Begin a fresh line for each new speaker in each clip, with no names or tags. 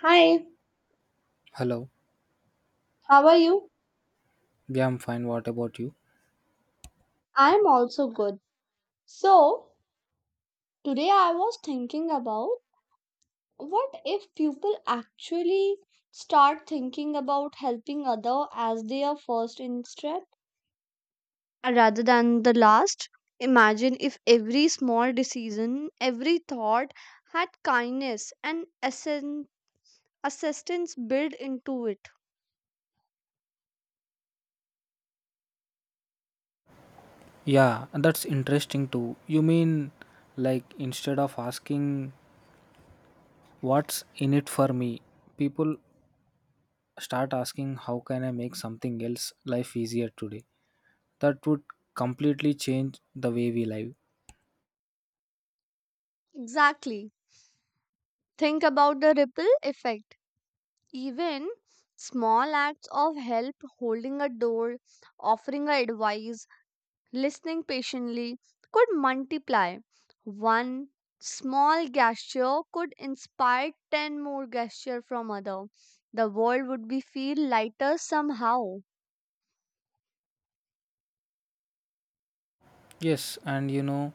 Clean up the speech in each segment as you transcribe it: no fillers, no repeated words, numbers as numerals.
Hi,
Hello.
how are you?
Yeah, I'm fine. What about you?
I'm also good. So, today I was thinking about what if people actually start thinking about helping other as their first instinct rather than the last? Imagine if every small decision, every thought had kindness and assistance built into it.
Yeah, that's interesting too. You mean, like, instead of asking what's in it for me, people start asking how can I make something else life easier today? That would completely change the way we live.
Exactly. Think about the ripple effect. Even small acts of help, holding a door, offering a advice, listening patiently, could multiply. One small gesture could inspire 10 more gesture from other. The world would be feel lighter somehow.
Yes, and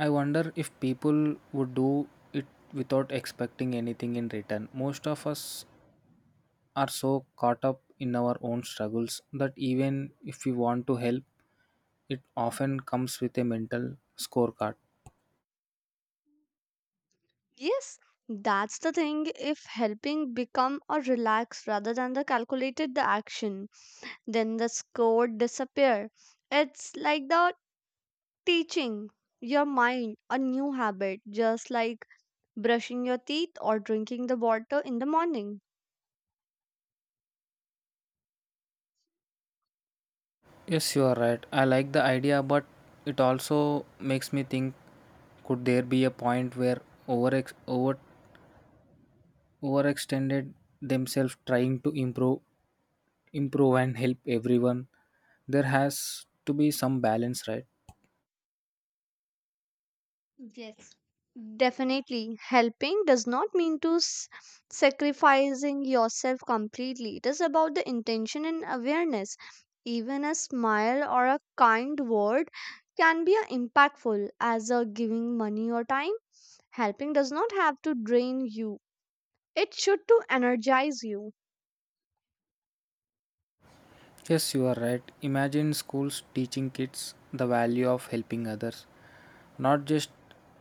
I wonder if people would do it without expecting anything in return. Most of us are so caught up in our own struggles that even if we want to help, it often comes with a mental scorecard.
Yes, that's the thing. If helping become a relax rather than the calculated the action, then the score disappear. It's like the teaching your mind a new habit, just like brushing your teeth or drinking the water in the morning.
Yes, you are right. I like the idea, but it also makes me think, could there be a point where over over overextended themselves trying to improve and help everyone? There has to be some balance, right?
Yes. Definitely, helping does not mean to sacrificing yourself completely. It is about the intention and awareness. Even a smile or a kind word can be a impactful as a giving money or time. Helping does not have to drain you. It should to energize you.
Yes, you are right. Imagine schools teaching kids the value of helping others, not just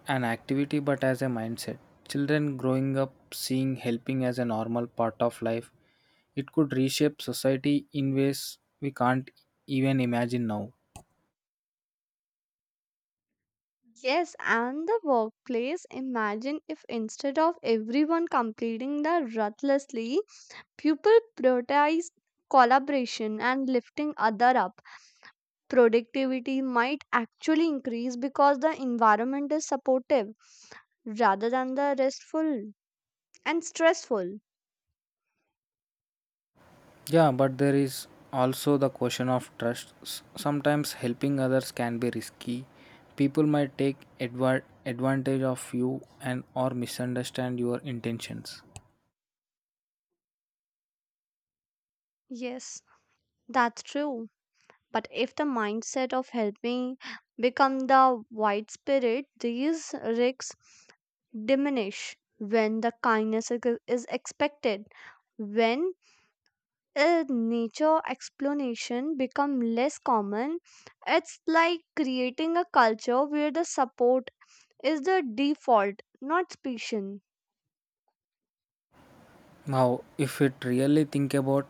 an activity but as a mindset. Children growing up seeing helping as a normal part of life, it could reshape society in ways we can't even imagine now.
Yes, and the workplace. Imagine if instead of everyone completing the ruthlessly, people prioritize collaboration and lifting other up. Productivity might actually increase because the environment is supportive rather than the restful and stressful.
Yeah, but there is also the question of trust. Sometimes helping others can be risky. People might take advantage of you and or misunderstand your intentions.
Yes, that's true. But if the mindset of helping become the white spirit, these risks diminish when the kindness is expected. When a nature explanation become less common, it's like creating a culture where the support is the default, not special.
Now, if it really think about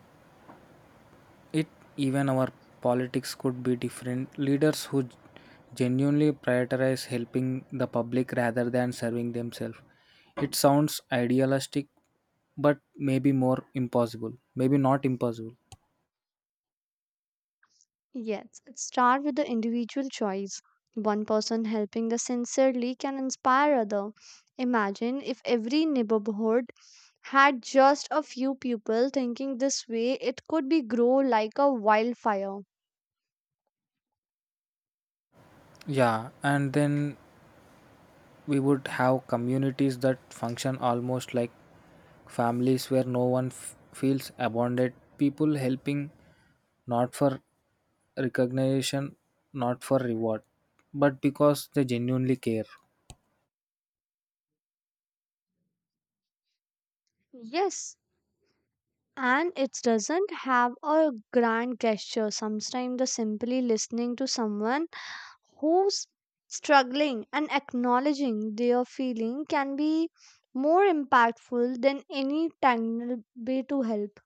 it, even our politics could be different. Leaders who genuinely prioritize helping the public rather than serving themselves, it sounds idealistic, but maybe more impossible, maybe not impossible.
Yes, it starts with the individual choice. One person helping the sincerely can inspire other. Imagine if every neighborhood had just a few people thinking this way, it could be grow like a wildfire.
Yeah, and then we would have communities that function almost like families, where no one feels abandoned. People helping not for recognition, not for reward, but because they genuinely care.
Yes, and it doesn't have a grand gesture. Sometimes the simply listening to someone who's struggling and acknowledging their feeling can be more impactful than any tangled way to help.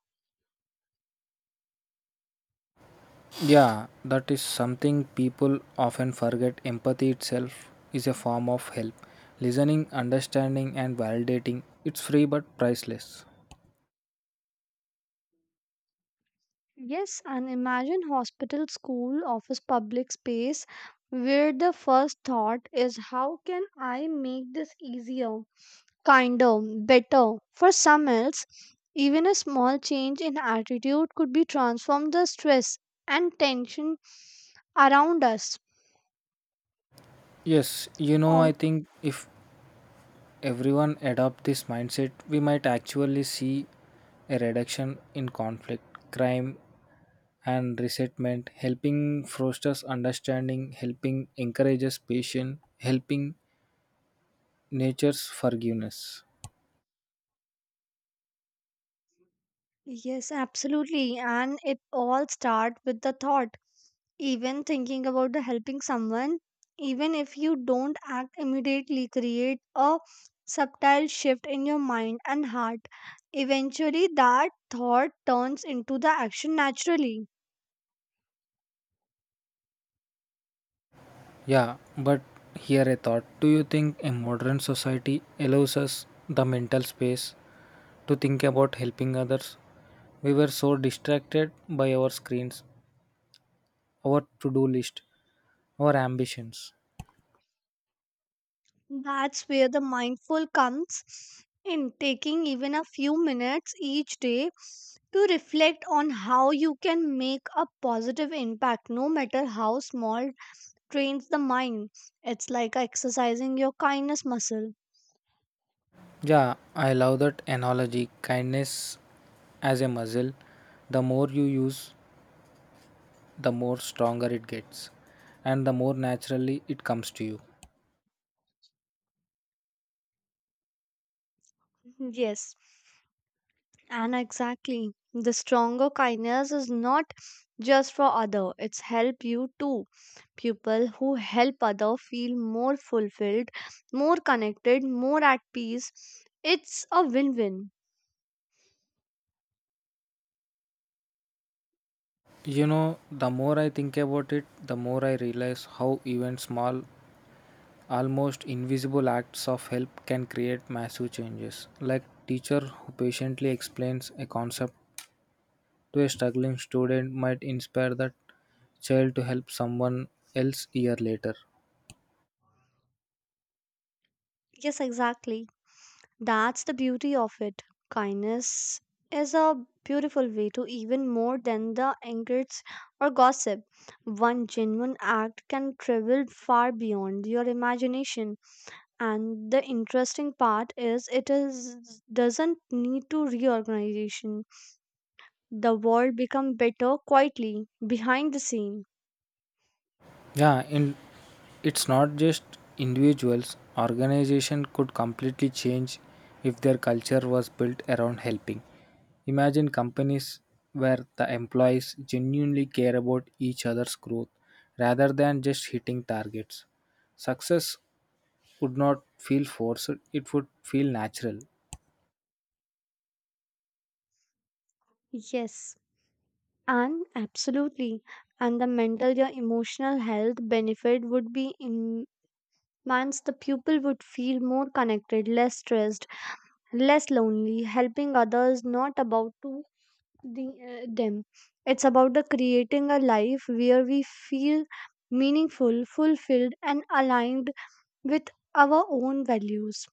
Yeah, that is something people often forget. Empathy itself is a form of help. Listening, understanding, and validating. It's free but priceless.
Yes, and imagine hospital, school, office, public space where the first thought is how can I make this easier, kinder, better. For some else, even a small change in attitude could be transform the stress and tension around us.
Yes, I think if everyone adopt this mindset, we might actually see a reduction in conflict, crime, and resentment. Helping fosters understanding, helping encourages patience, helping nature's forgiveness.
Yes, absolutely. And it all starts with the thought. Even thinking about the helping someone, even if you don't act immediately, create a subtle shift in your mind and heart. Eventually, that thought turns into the action naturally.
Yeah, but here a thought. Do you think a modern society allows us the mental space to think about helping others? We were so distracted by our screens, our to do list, our ambitions.
That's where the mindful comes in, taking even a few minutes each day to reflect on how you can make a positive impact, no matter how small, trains the mind. It's like exercising your kindness muscle.
Yeah, I love that analogy. Kindness as a muscle. The more you use, the more stronger it gets, and the more naturally it comes to you.
Mm-hmm. Yes, and exactly. The stronger kindness is not just for other, it's help you too. People who help other feel more fulfilled, more connected, more at peace. It's a win-win.
You know, the more I think about it, the more I realize how even small, almost invisible acts of help can create massive changes. Like teacher who patiently explains a concept to a struggling student might inspire that child to help someone else year later.
Yes, exactly. That's the beauty of it. Kindness is a beautiful way to even more than the anchors or gossip. One genuine act can travel far beyond your imagination. And the interesting part is it is doesn't need to reorganization. The world become better quietly behind the scene.
Yeah, and it's not just individuals. Organization could completely change if their culture was built around helping. Imagine companies where the employees genuinely care about each other's growth rather than just hitting targets. Success would not feel forced, it would feel natural.
Yes. And absolutely. And the mental your emotional health benefit would be once the pupil would feel more connected, less stressed, less lonely, helping others not about to the, them. It's about the creating a life where we feel meaningful, fulfilled, and aligned with our own values.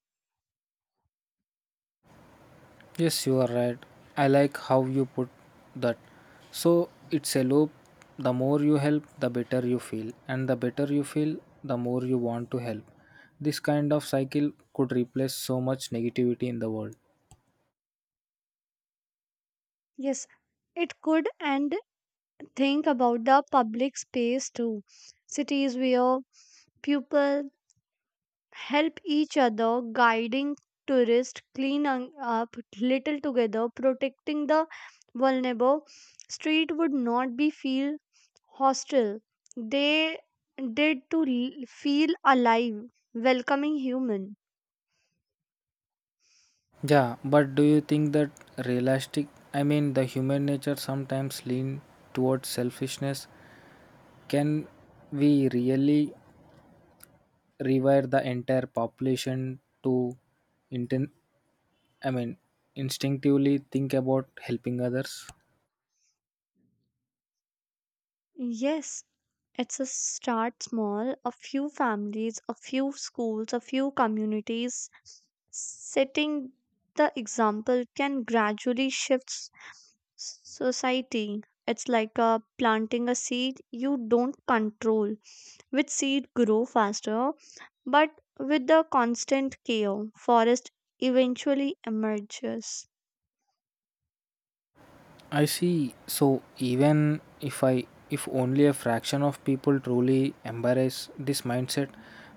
Yes, you are right. I like how you put that. So it's a loop. The more you help, the better you feel, and the better you feel, the more you want to help. This kind of cycle could replace so much negativity in the world.
Yes, it could, and think about the public space too. Cities where people help each other, guiding tourists, cleaning up little together, protecting the vulnerable, street would not be feel hostile. They did to feel alive, welcoming human.
Yeah, but do you think that realistic? I mean, the human nature sometimes lean towards selfishness. Can we really rewire the entire population to inten- I mean, instinctively think about helping others.
Yes, it's a start small. A few families, a few schools, a few communities setting the example can gradually shift society. It's like planting a seed you don't control. Which seed grow faster, but with the constant care, forest eventually emerges.
I see. So even if only a fraction of people truly embrace this mindset,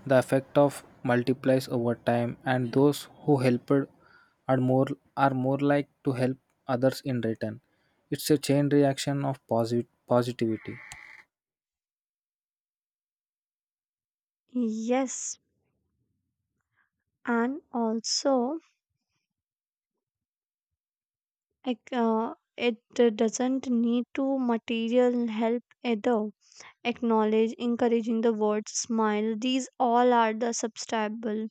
the effect of multiplies over time, and those who helped are more are more like to help others in return. It's a chain reaction of positive positivity.
Yes, and also, Like, it doesn't need to material help either. Acknowledge, encouraging the words, smile. These all are the subscribable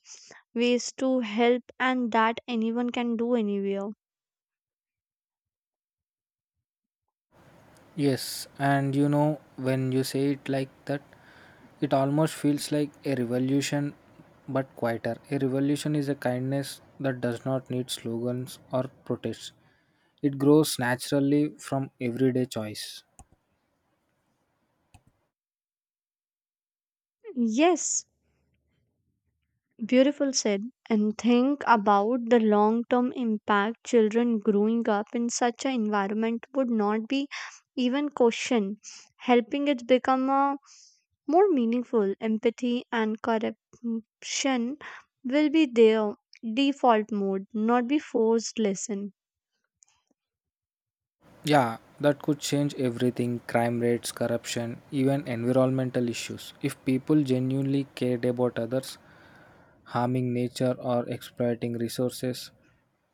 ways to help, and that anyone can do anywhere.
Yes, and when you say it like that, it almost feels like a revolution, but quieter. A revolution is a kindness that does not need slogans or protests, it grows naturally from everyday choice.
Yes, beautiful said. And think about the long term impact children growing up in such an environment would not be even questioned. Helping it become a more meaningful empathy and corruption will be their default mode, not be forced lesson.
Yeah, that could change everything. Crime rates, corruption, even environmental issues. If people genuinely cared about others, harming nature or exploiting resources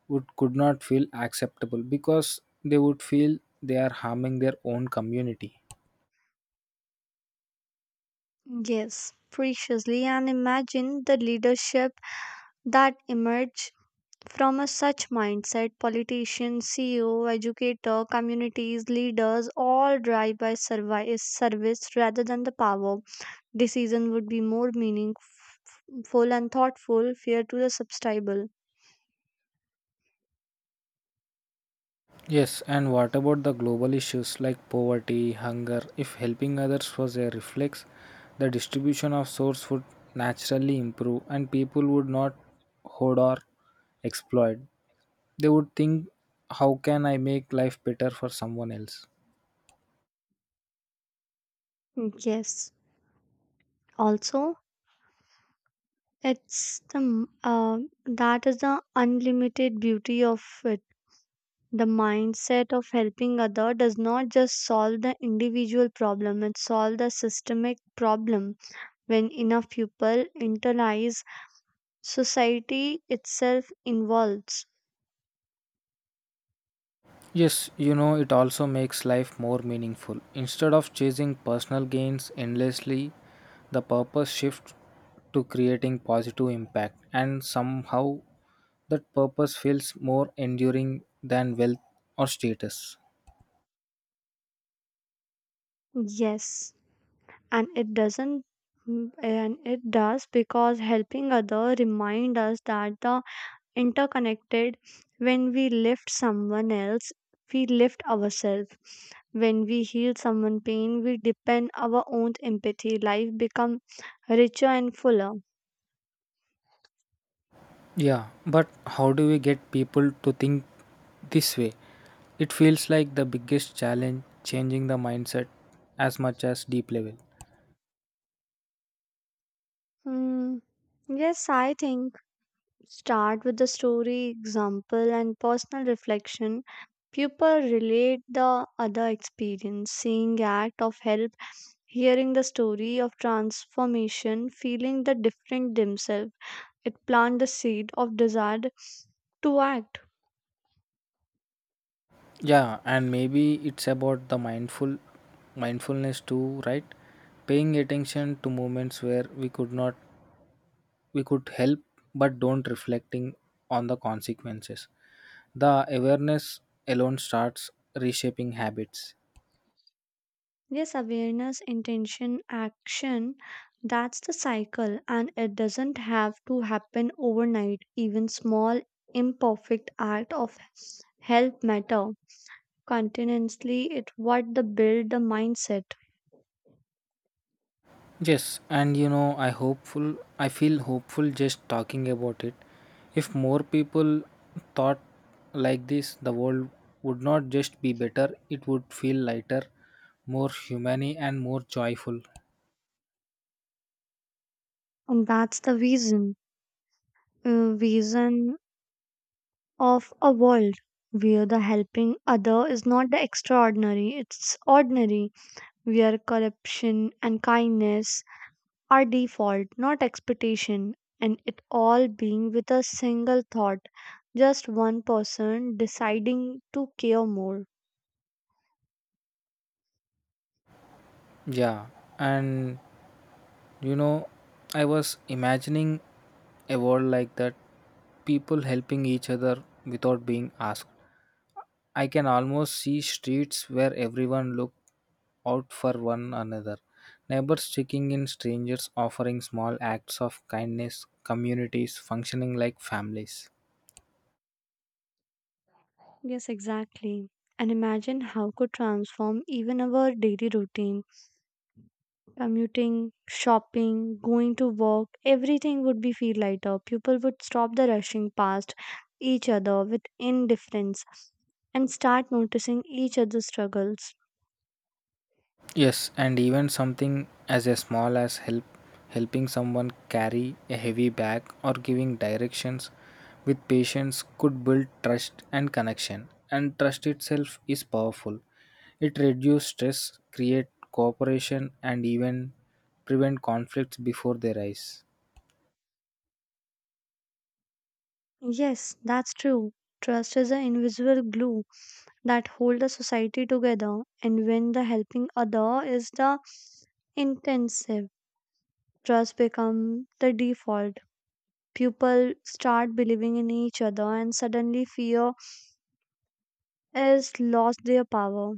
would could not feel acceptable, because they would feel they are harming their own community.
Yes, preciously, and imagine the leadership that emerge from a such mindset politicians ceo educator communities leaders all drive by service, service rather than the power decision would be more meaningful and thoughtful fair to the subscriber.
Yes, and what about the global issues like poverty, hunger? If helping others was a reflex, the distribution of source would naturally improve and people would not hoard or exploit. They would think, how can I make life better for someone else?
Yes, also, It's the m- uh, that is the unlimited beauty of it. The mindset of helping other does not just solve the individual problem; it solves the systemic problem. When enough people internalize, society itself involves.
Yes, it also makes life more meaningful. Instead of chasing personal gains endlessly, the purpose shifts to creating positive impact, and somehow that purpose feels more enduring than wealth or status.
Yes, and it doesn't, and it does because helping other remind us that the interconnected. When we lift someone else, we lift ourselves. When we heal someone's pain, we deepen our own empathy. Life become richer and fuller.
Yeah, but how do we get people to think this way? It feels like the biggest challenge, changing the mindset as much as deep level.
Hmm. Yes, I think start with the story, example, and personal reflection. People relate the other experience, seeing act of help, hearing the story of transformation, feeling the different themselves. It plant the seed of desire to act.
Yeah, and maybe it's about the mindfulness too, right? Paying attention to moments where we could help but don't, reflecting on the consequences. The awareness alone starts reshaping habits.
Yes, awareness, intention, action, that's the cycle, and it doesn't have to happen overnight. Even small imperfect act of help matter continuously, it what the build the mindset.
Yes, and I feel hopeful just talking about it. If more people thought like this, the world would not just be better, it would feel lighter, more humane and more joyful.
And that's the vision, vision of a world where the helping other is not the extraordinary, it's ordinary, where corruption and kindness our default, not expectation, and it all being with a single thought, just one person deciding to care more.
Yeah, and you know, I was imagining a world like that, people helping each other without being asked. I can almost see streets where everyone looks out for one another. Neighbors checking in, strangers offering small acts of kindness, communities functioning like families.
Yes, exactly. And imagine how could transform even our daily routine. Commuting, shopping, going to work, everything would be feel lighter. People would stop the rushing past each other with indifference and start noticing each other's struggles.
Yes, and even something as a small as helping someone carry a heavy bag or giving directions with patience could build trust and connection. And trust itself is powerful. It reduces stress, create cooperation and even prevent conflicts before they rise.
Yes, that's true. Trust is an invisible glue that hold the society together, and when the helping other is the intensive, trust become the default. People start believing in each other, and suddenly fear is lost their power.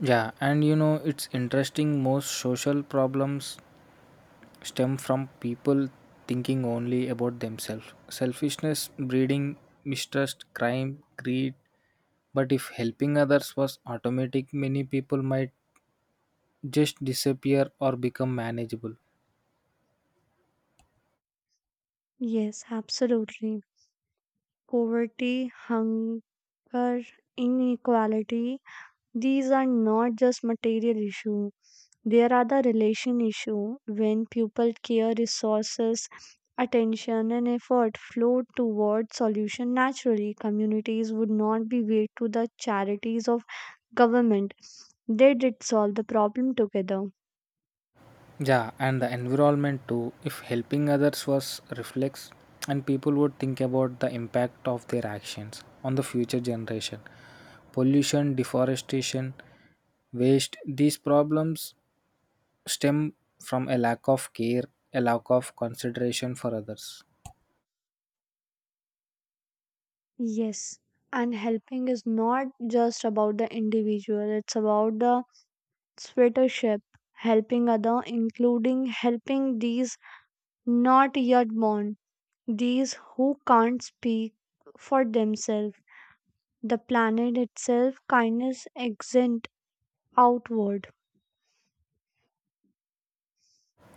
Yeah, it's interesting, most social problems stem from people thinking only about themselves. Selfishness, breeding, mistrust, crime, greed. But if helping others was automatic, many people might just disappear or become manageable.
Yes, absolutely. Poverty, hunger, inequality, these are not just material issues. There are the relation issue when people care resources, attention, and effort flow toward solution naturally. Communities would not be weighed to the charities of government, they did solve the problem together.
Yeah, and the environment too. If helping others was reflex, and people would think about the impact of their actions on the future generation, pollution, deforestation, waste. These problems stem from a lack of care, a lack of consideration for others.
Yes, and helping is not just about the individual, it's about the sweatership. Helping other including helping these not yet born, these who can't speak for themselves, the planet itself, kindness extends outward.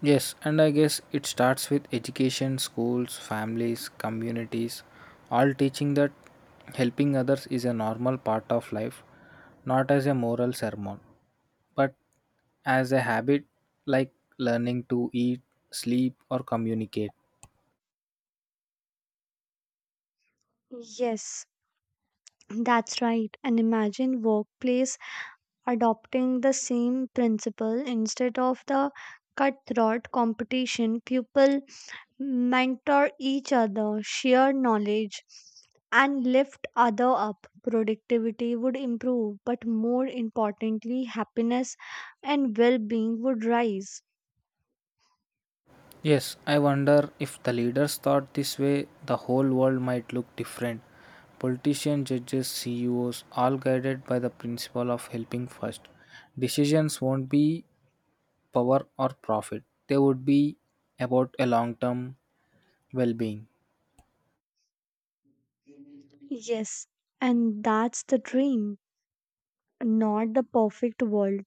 Yes, and I guess it starts with education, schools, families, communities, all teaching that helping others is a normal part of life, not as a moral sermon, but as a habit, like learning to eat, sleep, or communicate.
Yes, that's right. And imagine workplace adopting the same principle instead of the cutthroat competition. People mentor each other, share knowledge, and lift other up. Productivity would improve, but more importantly, happiness and well-being would rise.
Yes, I wonder if the leaders thought this way, the whole world might look different. Politicians, judges, CEOs, all guided by the principle of helping first. Decisions won't be power or profit, they would be about a long term well being.
Yes, and that's the dream. Not the perfect world,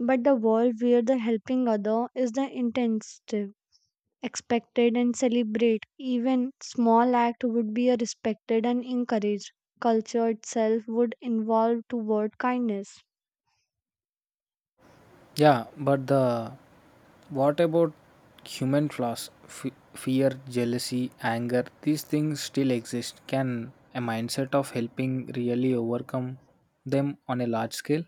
but the world where the helping other is the intensive, expected and celebrate. Even small act would be a respected and encouraged. Culture itself would evolve toward kindness.
Yeah, but the what about human flaws? Fear, jealousy, anger, these things still exist. Can a mindset of helping really overcome them on a large scale?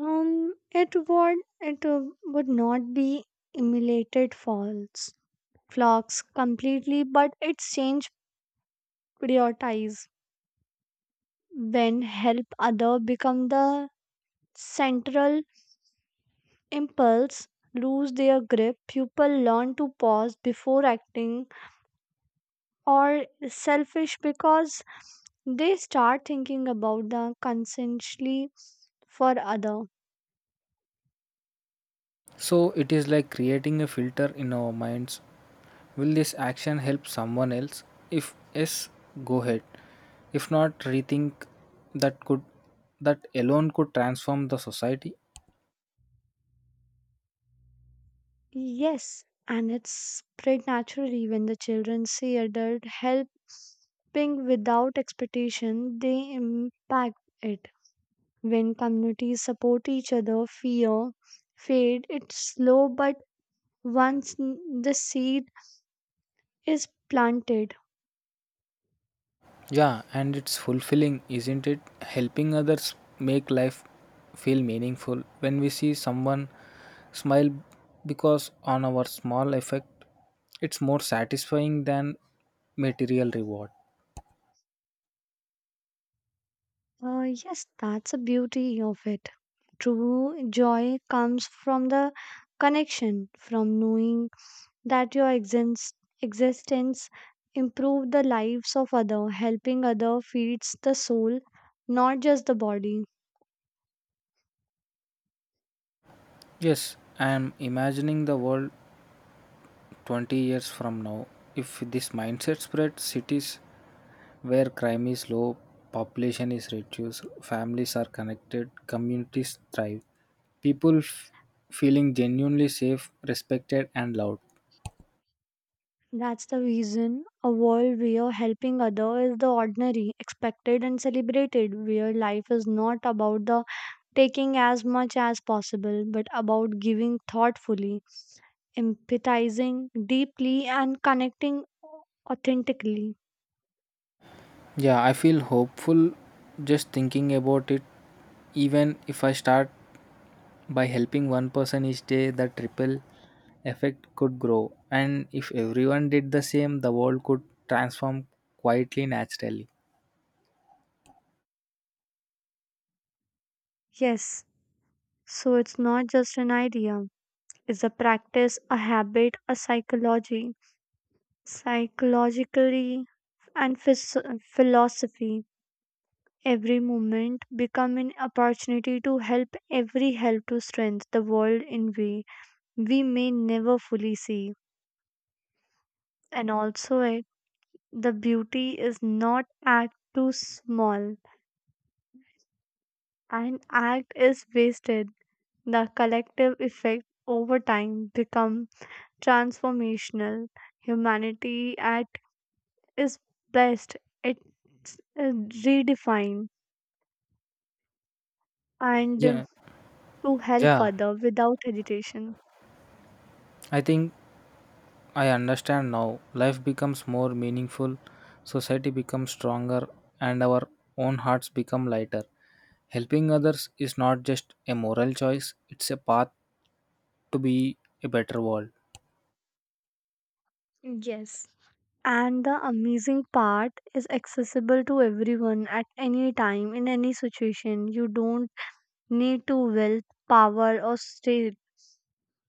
It would it would not be emulated false flocks completely, but its change prioritize when help other become the central impulse lose their grip, people learn to pause before acting or selfish because they start thinking about the consciously for other.
So it is like creating a filter in our minds. Will this action help someone else? If yes, go ahead. If not, rethink. that could that alone could transform the society.
Yes, and it's spread naturally when the children see adult helping without expectation, they impact it. When communities support each other, fear fade. It's slow, but once the seed is planted,
Yeah, and it's fulfilling, isn't it? Helping others make life feel meaningful. When we see someone smile because on our small effect, it's more satisfying than material reward.
Yes, that's the beauty of it. True joy comes from the connection, from knowing that your existence improve the lives of other, helping other feeds the soul, not just the body.
Yes, I am imagining the world 20 years from now, if this mindset spreads. Cities where crime is low, population is reduced, families are connected, communities thrive, people feeling genuinely safe, respected, and loved.
That's the reason a world where helping other is the ordinary, expected and celebrated, where life is not about the taking as much as possible, but about giving thoughtfully, empathizing deeply, and connecting authentically.
Yeah, I feel hopeful just thinking about it. Even if I start by helping one person each day, the triple effect could grow. And if everyone did the same, the world could transform quietly, naturally.
Yes, so it's not just an idea, it's a practice, a habit, a psychology, psychologically, and philosophy. Every moment become an opportunity to help every help to strengthen the world in way we may never fully see. And also the beauty is not act too small and act is wasted. The collective effect over time become transformational. Humanity at its best, it's redefined and
Yeah.
to help
Yeah,
other without hesitation.
I think I understand now. Life becomes more meaningful, society becomes stronger, and our own hearts become lighter. Helping others is not just a moral choice, it's a path to be a better world.
Yes. And the amazing part is accessible to everyone at any time, in any situation. You don't need to wealth, power, or state,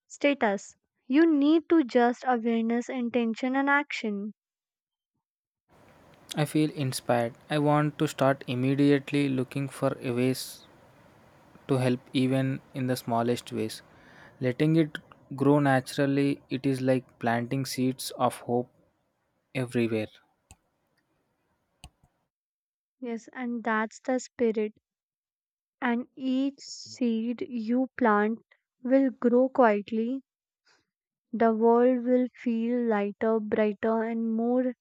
status. You need to just awareness, intention, and action.
I feel inspired. I want to start immediately looking for a ways to help even in the smallest ways. Letting it grow naturally, it is like planting seeds of hope everywhere.
Yes, and that's the spirit. And each seed you plant will grow quietly. The world will feel lighter, brighter, and more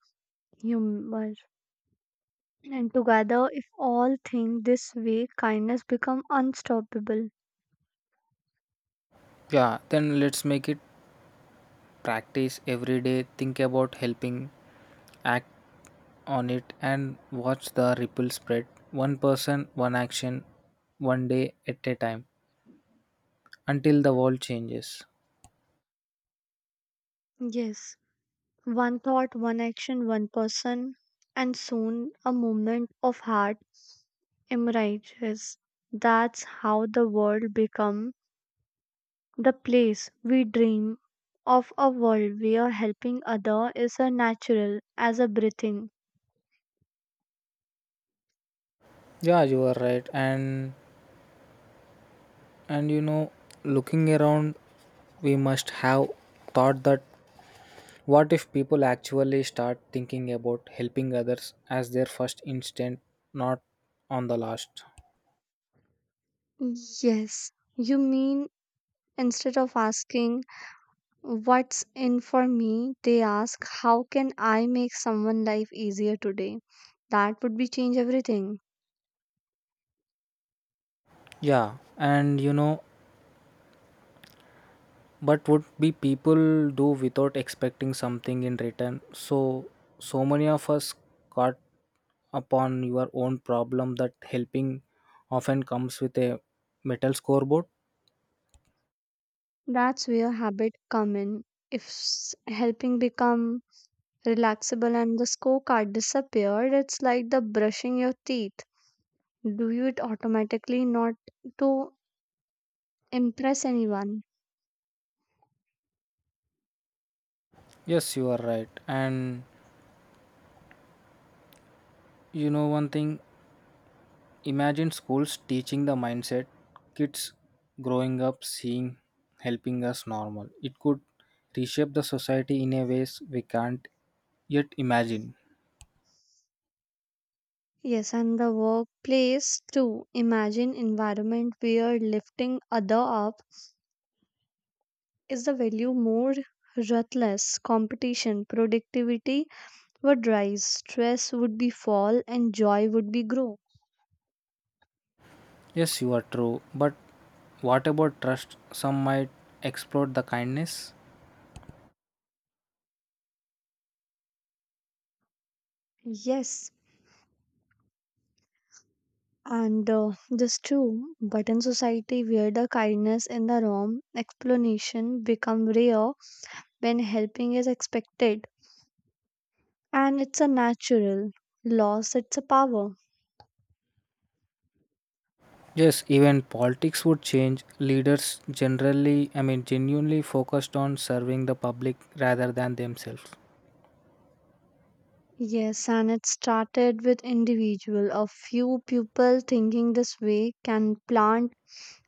humorous. And together, if all think this way, kindness become unstoppable.
Yeah, then let's make it practice every day. Think about helping, act on it, and watch the ripple spread, one person, one action, one day at a time, until the world changes.
Yes, one thought, one action, one person, and soon a movement of heart emerges. That's how the world become the place we dream of, a world where helping other is a natural as a breathing.
Yeah, you are right. And looking around, we must have thought that, what if people actually start thinking about helping others as their first instinct, not on the last?
Yes, you mean instead of asking what's in for me, they ask how can I make someone life easier today? That would be change everything.
Yeah, and, but would be people do without expecting something in return? So many of us caught upon your own problem that helping often comes with a metal scoreboard.
That's where habit come in. If helping become relaxable and the scorecard disappeared, it's like the brushing your teeth. Do you it automatically not to impress anyone.
Yes, you are right. And, one thing, imagine schools teaching the mindset. Kids growing up seeing helping us normal, it could reshape the society in a ways we can't yet imagine.
Yes, and the workplace too. Imagine environment where lifting other up is the value more ruthless competition, productivity would rise, stress would be fall, and joy would be grow.
Yes, you are true. But what about trust? Some might exploit the kindness.
Yes, and this too. But in society where the kindness in the room explanation become rare when helping is expected, and it's a natural loss. It's a power.
Yes, even politics would change. Leaders generally, I mean, genuinely focused on serving the public rather than themselves.
Yes, and it started with individual. A few people thinking this way can plant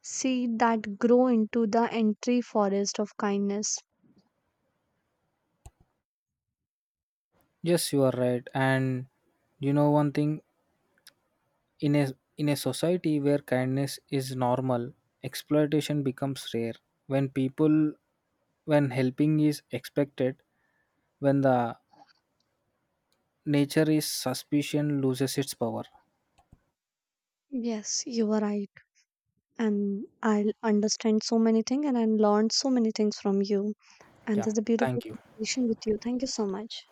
seed that grow into the entry forest of kindness.
Yes, you are right. And you know one thing, in a in a society where kindness is normal, exploitation becomes rare. When people when helping is expected, when the nature is suspicion loses its power.
Yes, you are right. And I'll understand so many things and I learned so many things from you. And
Yeah.
this is a
Thank
beautiful
you.
conversation with you. Thank you so much.